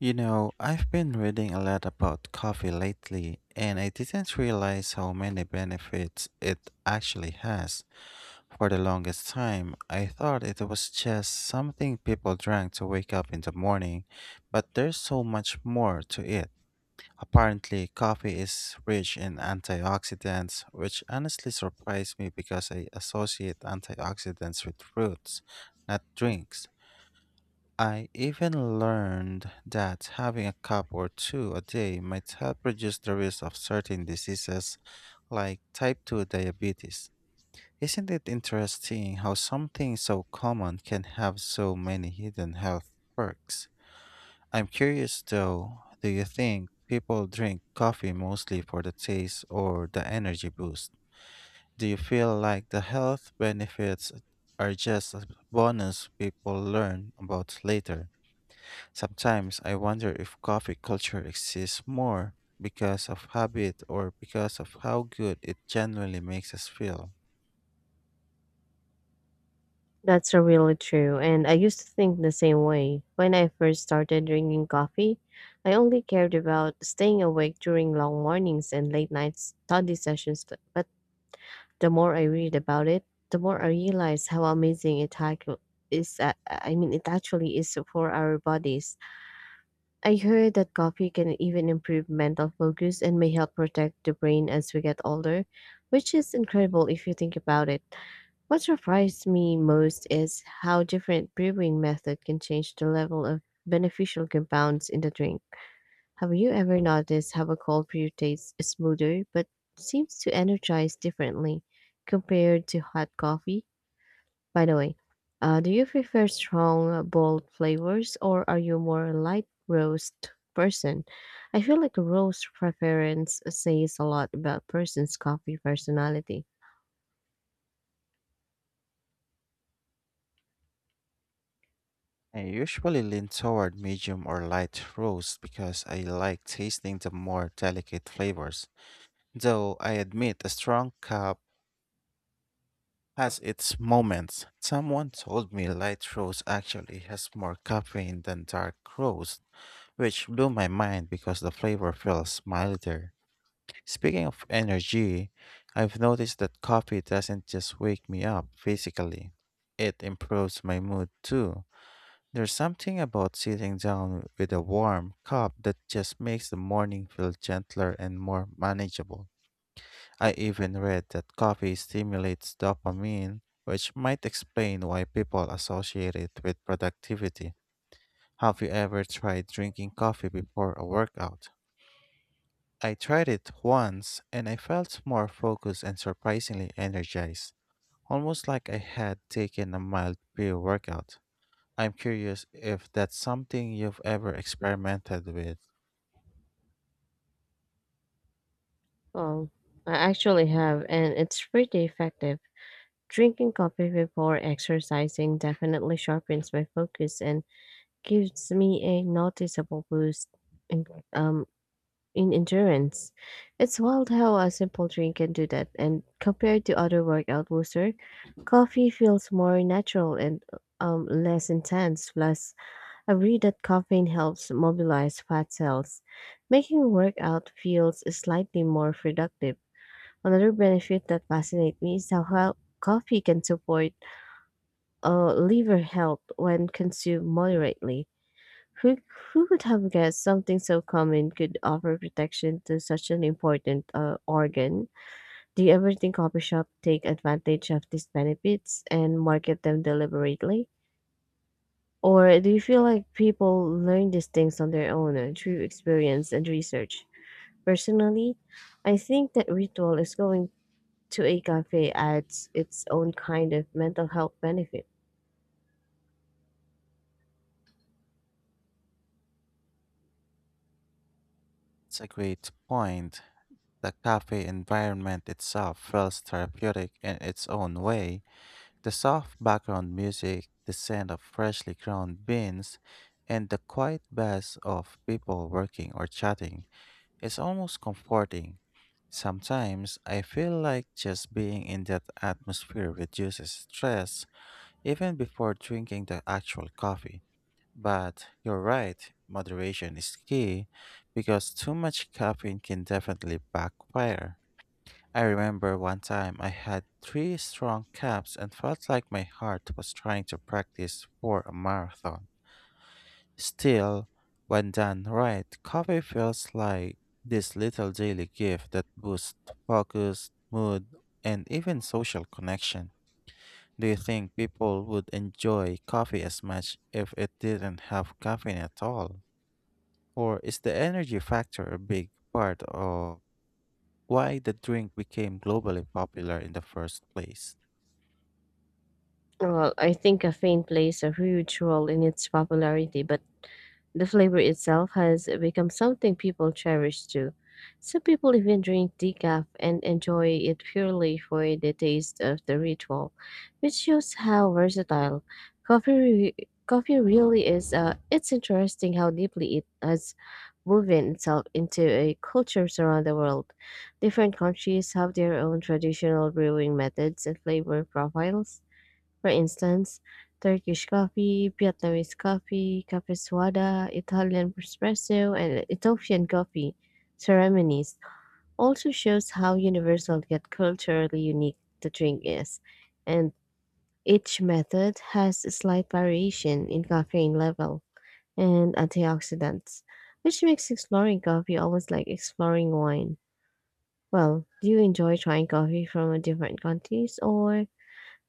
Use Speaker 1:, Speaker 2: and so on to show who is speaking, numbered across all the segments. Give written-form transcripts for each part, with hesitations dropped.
Speaker 1: You know, I've been reading a lot about coffee lately, and I didn't realize how many benefits it actually has. For the longest time, I thought it was just something people drank to wake up in the morning, but there's so much more to it. Apparently, coffee is rich in antioxidants, which honestly surprised me because I associate antioxidants with fruits, not drinks. I even learned that having a cup or two a day might help reduce the risk of certain diseases like type 2 diabetes. Isn't it interesting how something so common can have so many hidden health perks? I'm curious though, do you think people drink coffee mostly for the taste or the energy boost? Do you feel like the health benefits are just a bonus people learn about later? Sometimes I wonder if coffee culture exists more because of habit or because of how good it genuinely makes us feel.
Speaker 2: That's a really true, and I used to think the same way. When I first started drinking coffee, I only cared about staying awake during long mornings and late night study sessions. But the more I read about it, the more I realize how amazing it ac- is. I mean, it actually is for our bodies. I heard that coffee can even improve mental focus and may help protect the brain as we get older, which is incredible if you think about it. What surprised me most is how different brewing method can change the level of beneficial compounds in the drink. Have you ever noticed how a cold brew tastes smoother but seems to energize differently compared to hot coffee? By the way, do you prefer strong, bold flavors, or are you more a light roast person? I feel like a roast preference says a lot about person's coffee personality.
Speaker 1: I usually lean toward medium or light roast because I like tasting the more delicate flavors. Though I admit a strong cup has its moments. Someone told me light roast actually has more caffeine than dark roast, which blew my mind because the flavor feels milder. Speaking of energy, I've noticed that coffee doesn't just wake me up physically, it improves my mood too. There's something about sitting down with a warm cup that just makes the morning feel gentler and more manageable. I even read that coffee stimulates dopamine, which might explain why people associate it with productivity. Have you ever tried drinking coffee before a workout? I tried it once and I felt more focused and surprisingly energized, almost like I had taken a mild pre workout. I'm curious if that's something you've ever experimented with.
Speaker 2: Oh, I actually have, and it's pretty effective. Drinking coffee before exercising definitely sharpens my focus and gives me a noticeable boost in, um, in endurance. It's wild how a simple drink can do that, and compared to other workout booster, coffee feels more natural and less intense. Plus, I read that caffeine helps mobilize fat cells, making workout feels slightly more productive. Another benefit that fascinates me is how coffee can support liver health when consumed moderately. Who, who would have guessed something so common could offer protection to such an important organ? Do you ever think coffee shops take advantage of these benefits and market them deliberately? Or do you feel like people learn these things on their own through experience and research? Personally, I think that ritual is going to a cafe adds its own kind of mental health benefit.
Speaker 1: It's a great point. The cafe environment itself feels therapeutic in its own way. The soft background music, the scent of freshly ground beans, and the quiet buzz of people working or chatting. It's almost comforting. Sometimes I feel like just being in that atmosphere reduces stress even before drinking the actual coffee. But you're right, moderation is key because too much caffeine can definitely backfire. I remember one time I had three strong cups and felt like my heart was trying to practice for a marathon. Still, when done right, coffee feels like this little daily gift that boosts focus, mood, and even social connection. Do you think people would enjoy coffee as much if it didn't have caffeine at all? Or is the energy factor a big part of why the drink became globally popular in the first place?
Speaker 2: Well, I think caffeine plays a huge role in its popularity, but the flavor itself has become something people cherish too. Some people even drink decaf and enjoy it purely for the taste of the ritual, which shows how versatile coffee re- coffee really is. It's interesting how deeply it has woven itself into a cultures around the world. Different countries have their own traditional brewing methods and flavor profiles, for instance, Turkish coffee, Vietnamese coffee, cafe Suada, Italian espresso, and Ethiopian coffee ceremonies also shows how universal yet culturally unique the drink is, and each method has a slight variation in caffeine level and antioxidants, which makes exploring coffee almost like exploring wine. Well, do you enjoy trying coffee from a different countries, or do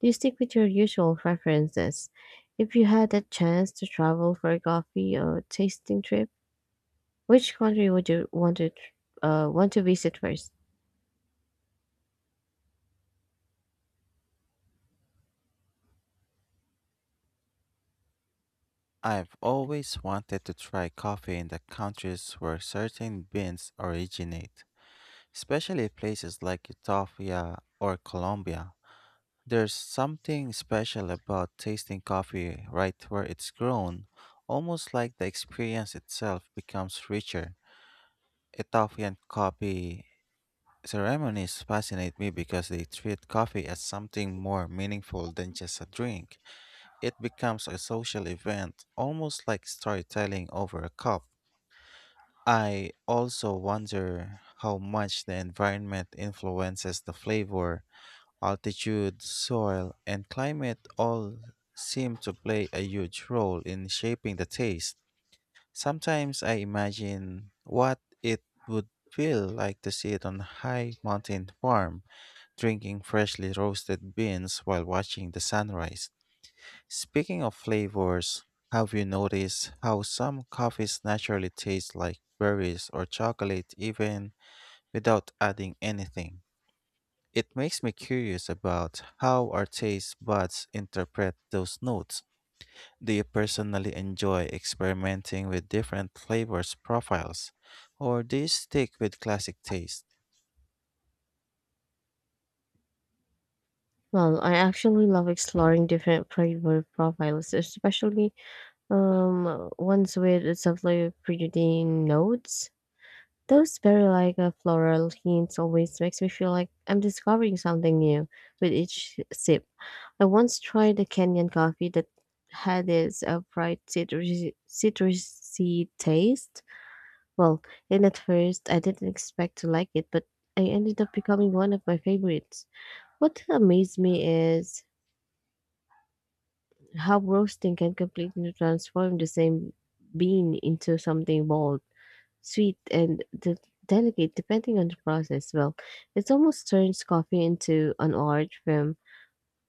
Speaker 2: you stick with your usual preferences? If you had a chance to travel for a coffee or tasting trip, which country would you want to want to visit first?
Speaker 1: I've always wanted to try coffee in the countries where certain beans originate, especially places like Ethiopia or Colombia. There's something special about tasting coffee right where it's grown, almost like the experience itself becomes richer. Ethiopian coffee ceremonies fascinate me because they treat coffee as something more meaningful than just a drink. It becomes a social event, almost like storytelling over a cup. I also wonder how much the environment influences the flavor. Altitude, soil, and climate all seem to play a huge role in shaping the taste. Sometimes I imagine what it would feel like to sit on a high mountain farm, drinking freshly roasted beans while watching the sunrise. Speaking of flavors, have you noticed how some coffees naturally taste like berries or chocolate even without adding anything? It makes me curious about how our taste buds interpret those notes. Do you personally enjoy experimenting with different flavors profiles, or do you stick with classic taste?
Speaker 2: Well, I actually love exploring different flavor profiles, especially ones with subtly presenting notes. Those very like floral hints always makes me feel like I'm discovering something new with each sip. I once tried a Kenyan coffee that had this bright citrusy taste. Well, and at first I didn't expect to like it, but I ended up becoming one of my favorites. What amazed me is how roasting can completely transform the same bean into something bold, sweet, and delicate depending on the process. Well, it almost turns coffee into an art form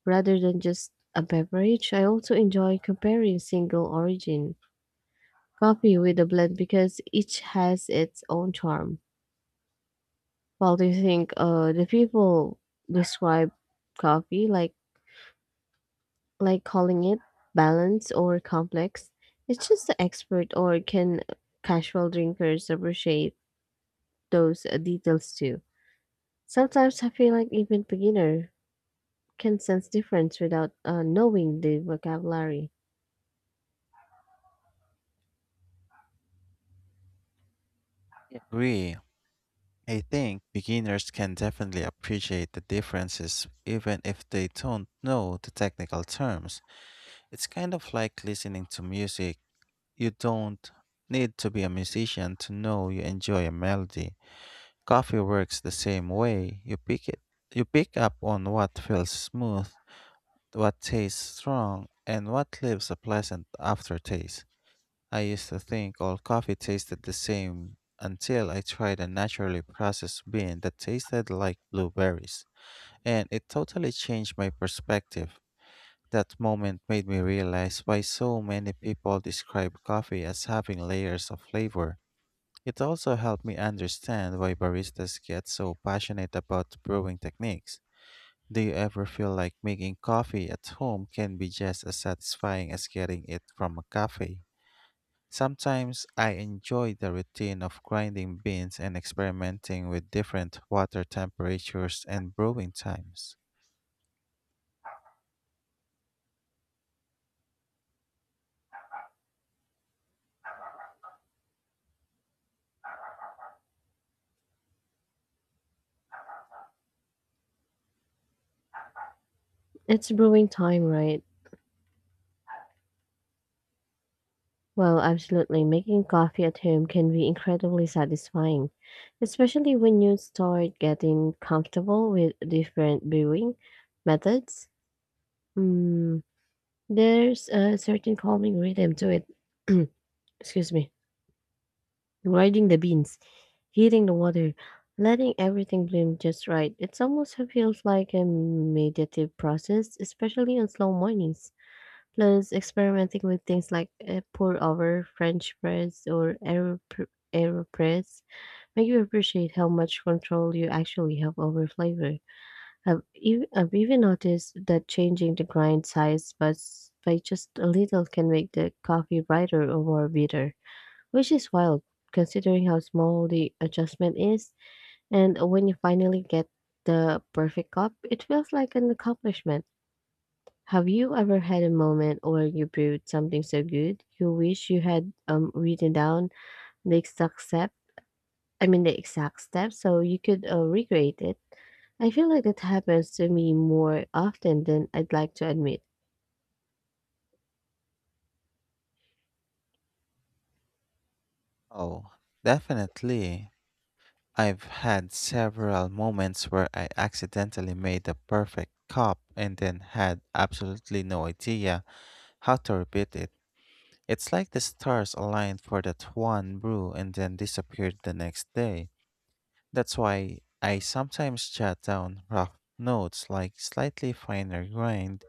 Speaker 2: rather than just a beverage. I also enjoy comparing single origin coffee with a blend because each has its own charm. Well, do you think the people describe coffee like calling it balanced or complex? It's just the expert, or can casual drinkers appreciate those details too? Sometimes I feel like even beginner can sense difference without knowing the vocabulary.
Speaker 1: Yeah. Agree. I think beginners can definitely appreciate the differences even if they don't know the technical terms. It's kind of like listening to music. You don't need to be a musician to know you enjoy a melody. Coffee works the same way. You pick up on what feels smooth, what tastes strong, and what leaves a pleasant aftertaste. I used to think all coffee tasted the same until I tried a naturally processed bean that tasted like blueberries, and it totally changed my perspective. That moment made me realize why so many people describe coffee as having layers of flavor. It also helped me understand why baristas get so passionate about brewing techniques. Do you ever feel like making coffee at home can be just as satisfying as getting it from a cafe? Sometimes I enjoy the routine of grinding beans and experimenting with different water temperatures and brewing times.
Speaker 2: It's brewing time, right? Well, absolutely. Making coffee at home can be incredibly satisfying, especially when you start getting comfortable with different brewing methods. Mm, there's a certain calming rhythm to it. Excuse me. Grinding the beans, heating the water, letting everything bloom just right. It almost feels like a meditative process, especially on slow mornings. Plus, experimenting with things like pour-over, French press, or aeropress make you appreciate how much control you actually have over flavor. I've even noticed that changing the grind size by, by just a little can make the coffee brighter or more bitter, which is wild considering how small the adjustment is. And when you finally get the perfect cup, it feels like an accomplishment. Have you ever had a moment where you brewed something so good you wish you had written down the exact step? I mean, the exact step, so you could recreate it? I feel like that happens to me more often than I'd like to admit.
Speaker 1: Oh, definitely. I've had several moments where I accidentally made the perfect cup and then had absolutely no idea how to repeat it. It's like the stars aligned for that one brew and then disappeared the next day. That's why I sometimes jot down rough notes like slightly finer grind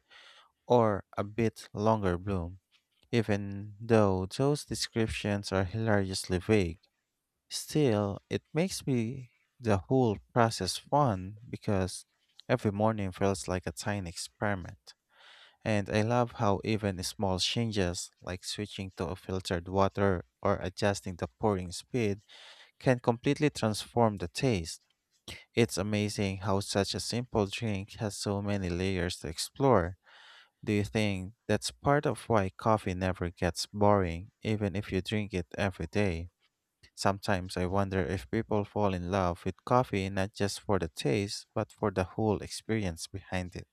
Speaker 1: or a bit longer bloom, even though those descriptions are hilariously vague. Still, it makes me the whole process fun because every morning feels like a tiny experiment. And I love how even small changes, like switching to a filtered water or adjusting the pouring speed, can completely transform the taste. It's amazing how such a simple drink has so many layers to explore. Do you think that's part of why coffee never gets boring, even if you drink it every day? Sometimes I wonder if people fall in love with coffee not just for the taste, but for the whole experience behind it.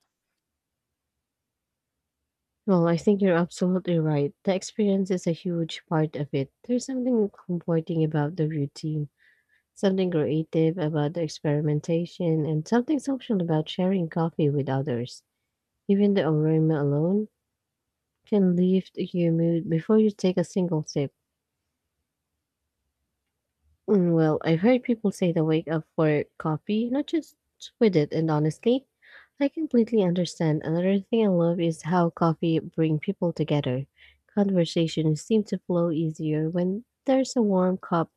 Speaker 2: Well, I think you're absolutely right. The experience is a huge part of it. There's something comforting about the routine, something creative about the experimentation, and something social about sharing coffee with others. Even the aroma alone can lift your mood before you take a single sip. Well, I've heard people say to wake up for coffee, not just with it, and honestly, I completely understand. Another thing I love is how coffee bring people together. Conversations seem to flow easier when there's a warm cup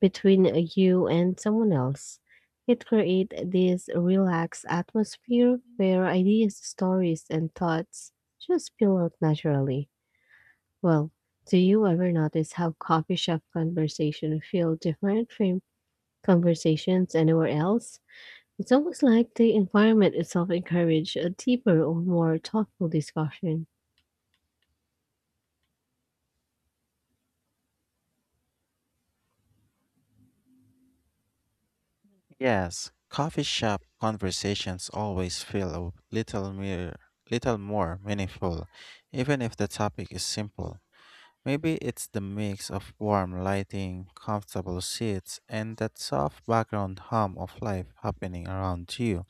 Speaker 2: between you and someone else. It creates this relaxed atmosphere where ideas, stories, and thoughts just spill out naturally. Well, do you ever notice how coffee shop conversation feel different from conversations anywhere else? It's almost like the environment itself encourage a deeper or more thoughtful discussion.
Speaker 1: Yes, coffee shop conversations always feel little more meaningful, even if the topic is simple. Maybe it's the mix of warm lighting, comfortable seats, and that soft background hum of life happening around you.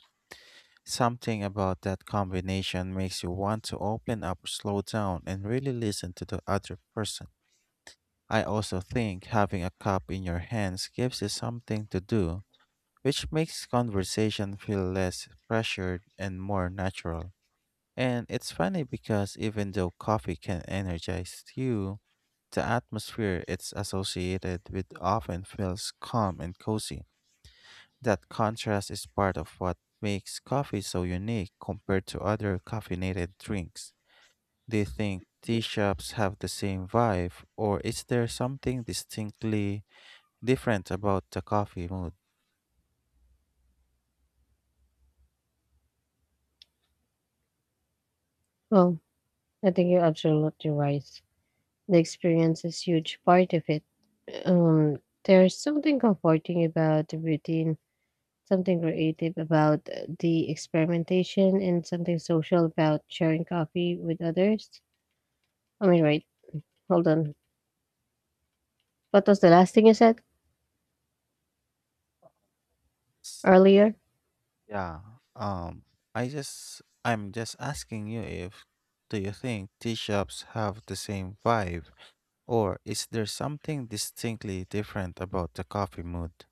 Speaker 1: Something about that combination makes you want to open up, slow down, and really listen to the other person. I also think having a cup in your hands gives you something to do, which makes conversation feel less pressured and more natural. And it's funny because even though coffee can energize you, the atmosphere it's associated with often feels calm and cozy. That contrast is part of what makes coffee so unique compared to other caffeinated drinks. Do you think tea shops have the same vibe, or is there something distinctly different about the coffee moods?
Speaker 2: Well, I think you're absolutely right. The experience is huge part of it. Um, there's something comforting about the routine, something creative about the experimentation, and something social about sharing coffee with others. I mean, right? Hold on. What was the last thing you said earlier?
Speaker 1: Yeah. Um I'm just asking you, if do you think tea shops have the same vibe or is there something distinctly different about the coffee mood?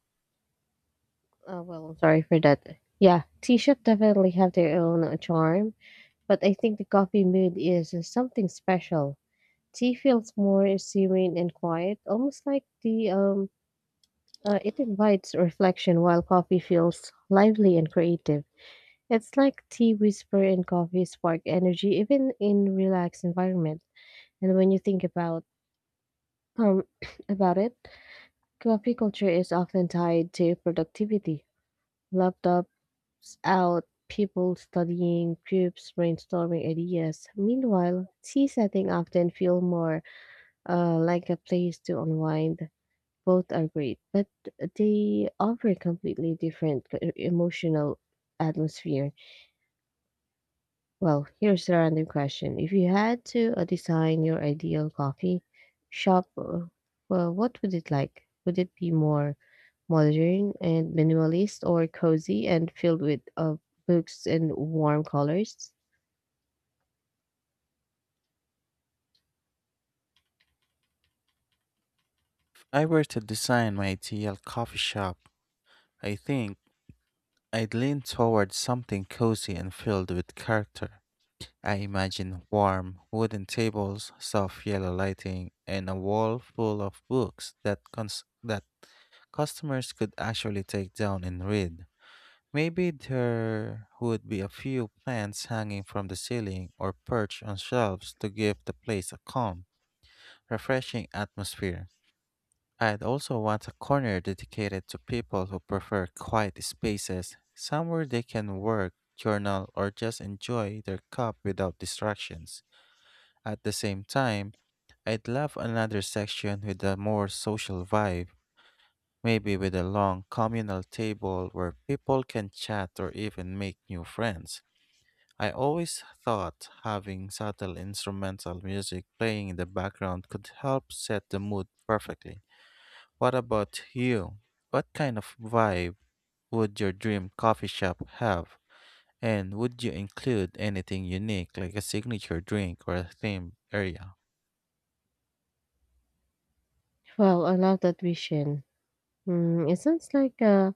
Speaker 2: Well, I'm sorry for that. Yeah, tea shop definitely have their own charm, but I think the coffee mood is something special. Tea feels more serene and quiet, almost like the it invites reflection, while coffee feels lively and creative. It's like tea whisper and coffee spark energy, even in relaxed environment. And when you think about um about it, coffee culture is often tied to productivity. Laptops out, people studying, groups brainstorming ideas. Meanwhile, tea setting often feel more like a place to unwind. Both are great, but they offer completely different emotional atmosphere. Well, here's a random question. If you had to design your ideal coffee shop, well, what would it like? Would it be more modern and minimalist, or cozy and filled with books and warm colors?
Speaker 1: If I were to design my ideal coffee shop, I think I'd lean towards something cozy and filled with character. I imagine warm wooden tables, soft yellow lighting, and a wall full of books that that customers could actually take down and read. Maybe there would be a few plants hanging from the ceiling or perched on shelves to give the place a calm, refreshing atmosphere. I'd also want a corner dedicated to people who prefer quiet spaces, somewhere they can work, journal, or just enjoy their cup without distractions. At the same time, I'd love another section with a more social vibe, maybe with a long communal table where people can chat or even make new friends. I always thought having subtle instrumental music playing in the background could help set the mood perfectly. What about you? What kind of vibe would your dream coffee shop have? And would you include anything unique like a signature drink or a theme area?
Speaker 2: Well, I love that vision. It sounds like a,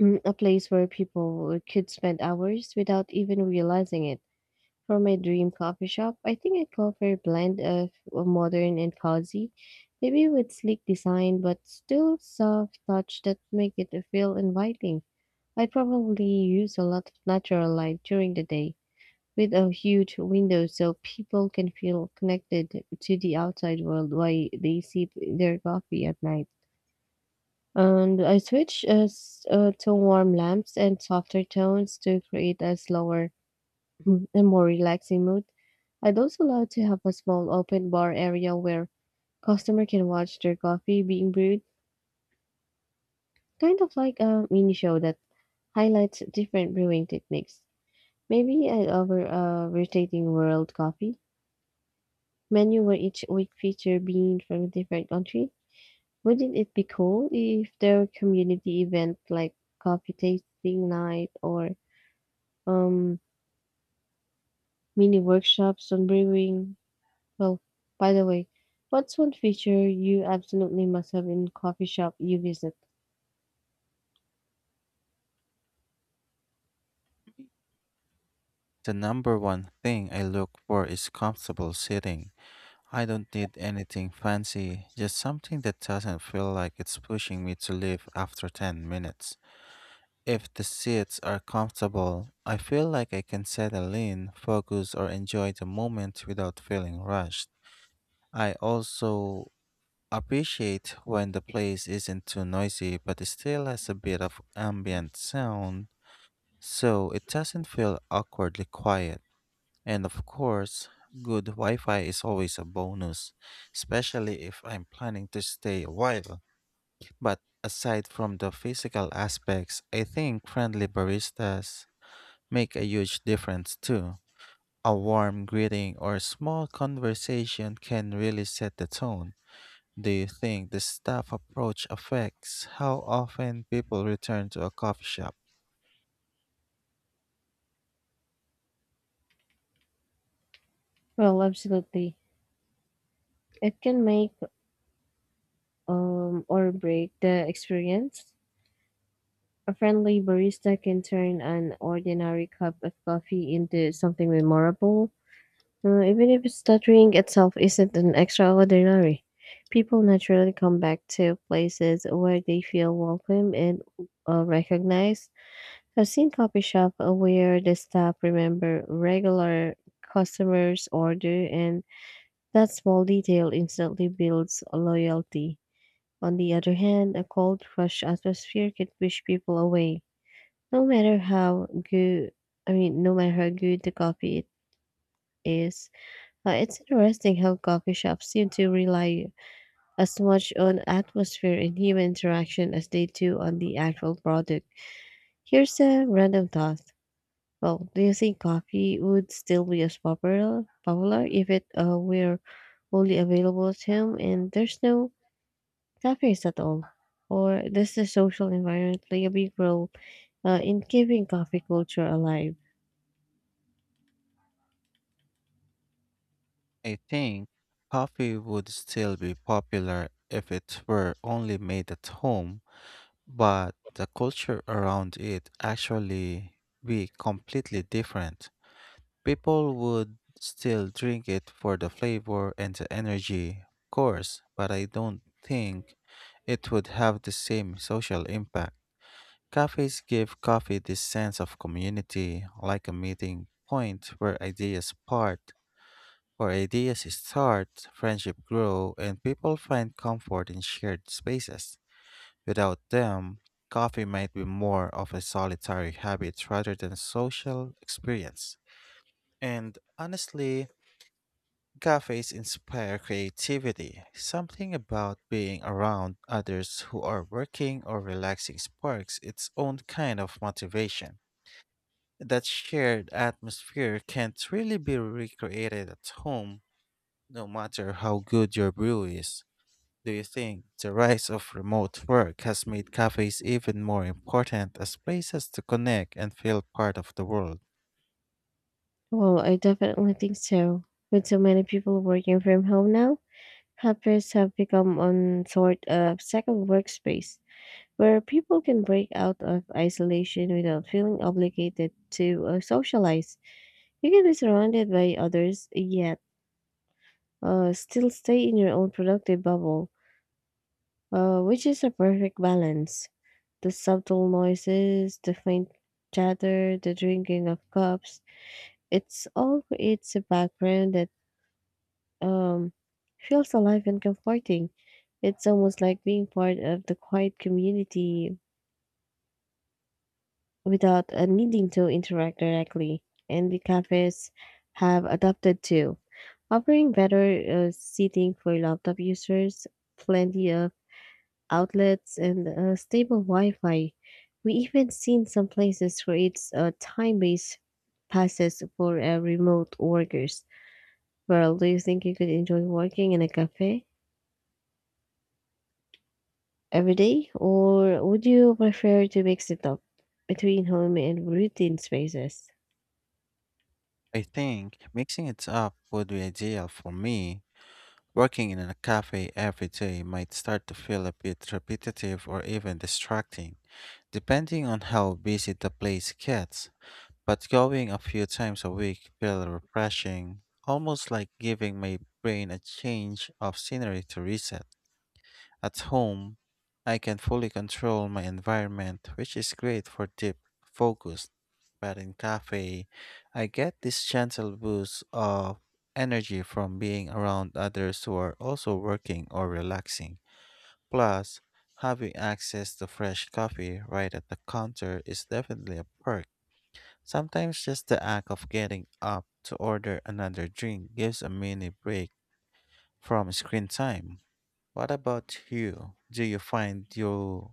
Speaker 2: mm, a place where people could spend hours without even realizing it. For my dream coffee shop, I think I'd go for a blend of modern and cozy, maybe with sleek design but still soft touch that make it feel inviting. I'd probably use a lot of natural light during the day with a huge window so people can feel connected to the outside world while they sip their coffee at night. And I switch to warm lamps and softer tones to create a slower and more relaxing mood. I'd also love to have a small open bar area where customer can watch their coffee being brewed, kind of like a mini show that highlights different brewing techniques. Maybe I'd offer a rotating world coffee menu where each week feature being from a different country. Wouldn't it be cool if there were community event like coffee tasting night, or um mini workshops on brewing? Well, by the way, what's one feature you absolutely must have in coffee shop you visit?
Speaker 1: The number one thing I look for is comfortable sitting. I don't need anything fancy, just something that doesn't feel like it's pushing me to leave after 10 minutes. If the seats are comfortable, I feel like I can settle in, focus, or enjoy the moment without feeling rushed. I also appreciate when the place isn't too noisy but it still has a bit of ambient sound, so it doesn't feel awkwardly quiet. And of course, good Wi Fi is always a bonus, especially if I'm planning to stay a while. But aside from the physical aspects, I think friendly baristas make a huge difference too. A warm greeting or small conversation can really set the tone. Do you think the staff approach affects how often people return to a coffee shop?
Speaker 2: Well, absolutely. It can make or break the experience. A friendly barista can turn an ordinary cup of coffee into something memorable. Even if stuttering itself isn't an extraordinary, people naturally come back to places where they feel welcome and recognized. I've seen coffee shop where the staff remember regular customers' order, and that small detail instantly builds loyalty. On the other hand, a cold, rush atmosphere can push people away. No matter how good, I mean, no matter how good the coffee is. Uh, it's interesting how coffee shops seem to rely as much on atmosphere and human interaction as they do on the actual product. Here's a random thought. Well, do you think coffee would still be as popular if it were only available at home and there's no cafes at all? Or does the social environment play a big role in keeping coffee culture alive?
Speaker 1: I think coffee would still be popular if it were only made at home, but the culture around it actually be completely different. People would still drink it for the flavor and the energy, of course, but I don't think it would have the same social impact. Cafes give coffee this sense of community, like a meeting point where ideas start, friendship grow, and people find comfort in shared spaces. Without them, coffee might be more of a solitary habit rather than a social experience. And honestly, cafes inspire creativity. Something about being around others who are working or relaxing sparks its own kind of motivation. That shared atmosphere can't really be recreated at home, no matter how good your brew is. Do you think the rise of remote work has made cafes even more important as places to connect and feel part of the world?
Speaker 2: Well, I definitely think so. With so many people working from home now, helpers have become on sort of second workspace where people can break out of isolation without feeling obligated to socialize. You can be surrounded by others yet still stay in your own productive bubble, which is a perfect balance. The subtle noises, the faint chatter, the drinking of cups, it's all creates a background that um, feels alive and comforting. It's almost like being part of the quiet community without needing to interact directly. And the cafes have adopted too, offering better seating for laptop users, plenty of outlets, and stable Wi Fi. We even seen some places where it's time based passes for remote workers. Well, do you think you could enjoy working in a cafe every day, or would you prefer to mix it up between home and routine spaces?
Speaker 1: I think mixing it up would be ideal for me. Working in a cafe every day might start to feel a bit repetitive or even distracting, depending on how busy the place gets. But going a few times a week feels refreshing, almost like giving my brain a change of scenery to reset. At home, I can fully control my environment, which is great for deep focus. But in cafe, I get this gentle boost of energy from being around others who are also working or relaxing. Plus, having access to fresh coffee right at the counter is definitely a perk. Sometimes just the act of getting up to order another drink gives a mini break from screen time. What about you? Do you find you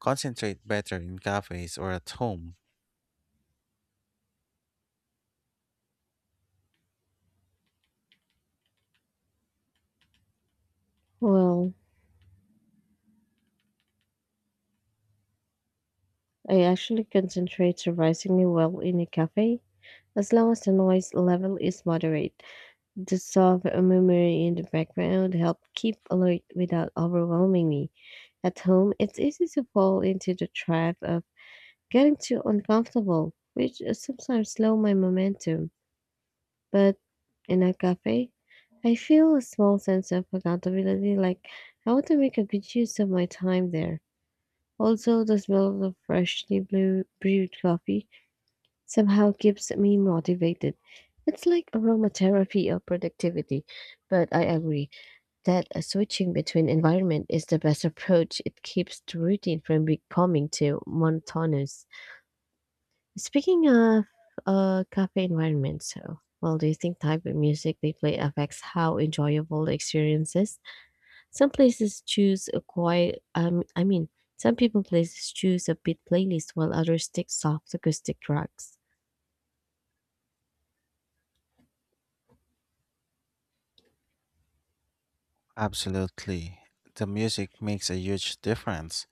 Speaker 1: concentrate better in cafes or at home?
Speaker 2: Well, I actually concentrate surprisingly well in a cafe as long as the noise level is moderate. The soft murmuring in the background help keep alert without overwhelming me. At home, it's easy to fall into the trap of getting too uncomfortable, which sometimes slow my momentum. But in a cafe, I feel a small sense of accountability, like I want to make a good use of my time there. Also, the smell of freshly blue brewed coffee somehow keeps me motivated. It's like aromatherapy of productivity, but I agree that switching between environment is the best approach. It keeps the routine from becoming too monotonous. Speaking of cafe environments, well, do you think type of music they play affects how enjoyable the experience is? Some places choose a quiet. I mean, some people places choose a beat playlist while others stick soft acoustic tracks.
Speaker 1: Absolutely. The music makes a huge difference.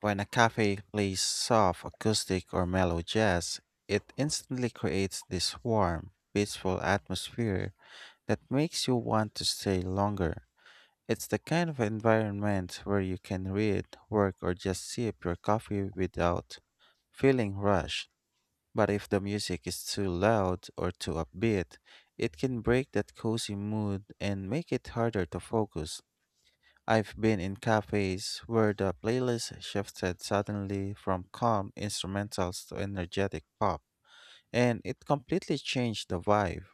Speaker 1: When a cafe plays soft acoustic or mellow jazz, it instantly creates this warm, peaceful atmosphere that makes you want to stay longer. It's the kind of environment where you can read, work, or just sip your coffee without feeling rushed. But if the music is too loud or too upbeat, it can break that cozy mood and make it harder to focus. I've been in cafes where the playlist shifted suddenly from calm instrumentals to energetic pop, and it completely changed the vibe.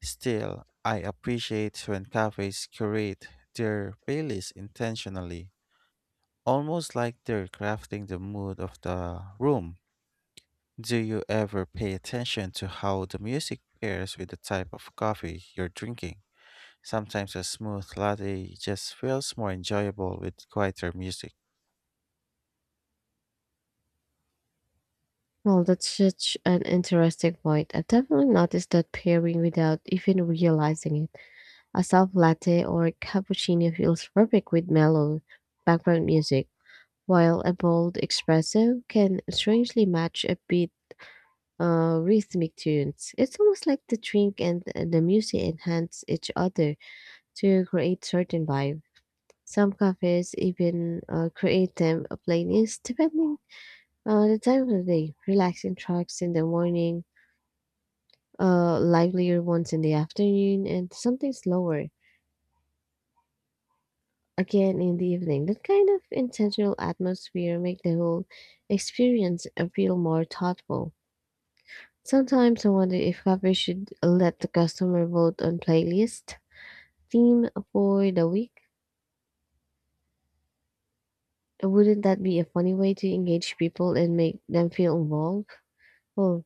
Speaker 1: Still, I appreciate when cafes curate their playlist intentionally, almost like they're crafting the mood of the room. Do you ever pay attention to how the music pairs with the type of coffee you're drinking? Sometimes a smooth latte just feels more enjoyable with quieter music.
Speaker 2: Well, that's such an interesting point. I've definitely noticed that pairing without even realizing it. A soft latte or cappuccino feels perfect with mellow background music, while a bold espresso can strangely match a beat rhythmic tunes. It's almost like the drink and the music enhance each other to create certain vibe. Some cafes even create them a playlist depending on the time of the day. Relaxing tracks in the morning, livelier ones in the afternoon, and something slower again in the evening. That kind of intentional atmosphere make the whole experience feel more thoughtful. Sometimes I wonder if cafes should let the customer vote on playlist theme for the week. Wouldn't that be a funny way to engage people and make them feel involved? Well,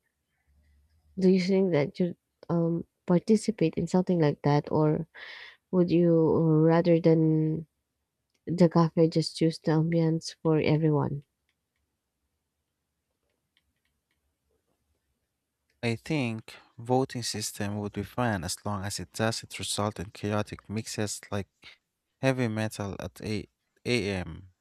Speaker 2: do you think that you participate in something like that, or would you rather than the cafe just choose the ambience for everyone?
Speaker 1: I think voting system would be fun as long as it doesn't result in chaotic mixes like heavy metal at 8 a.m.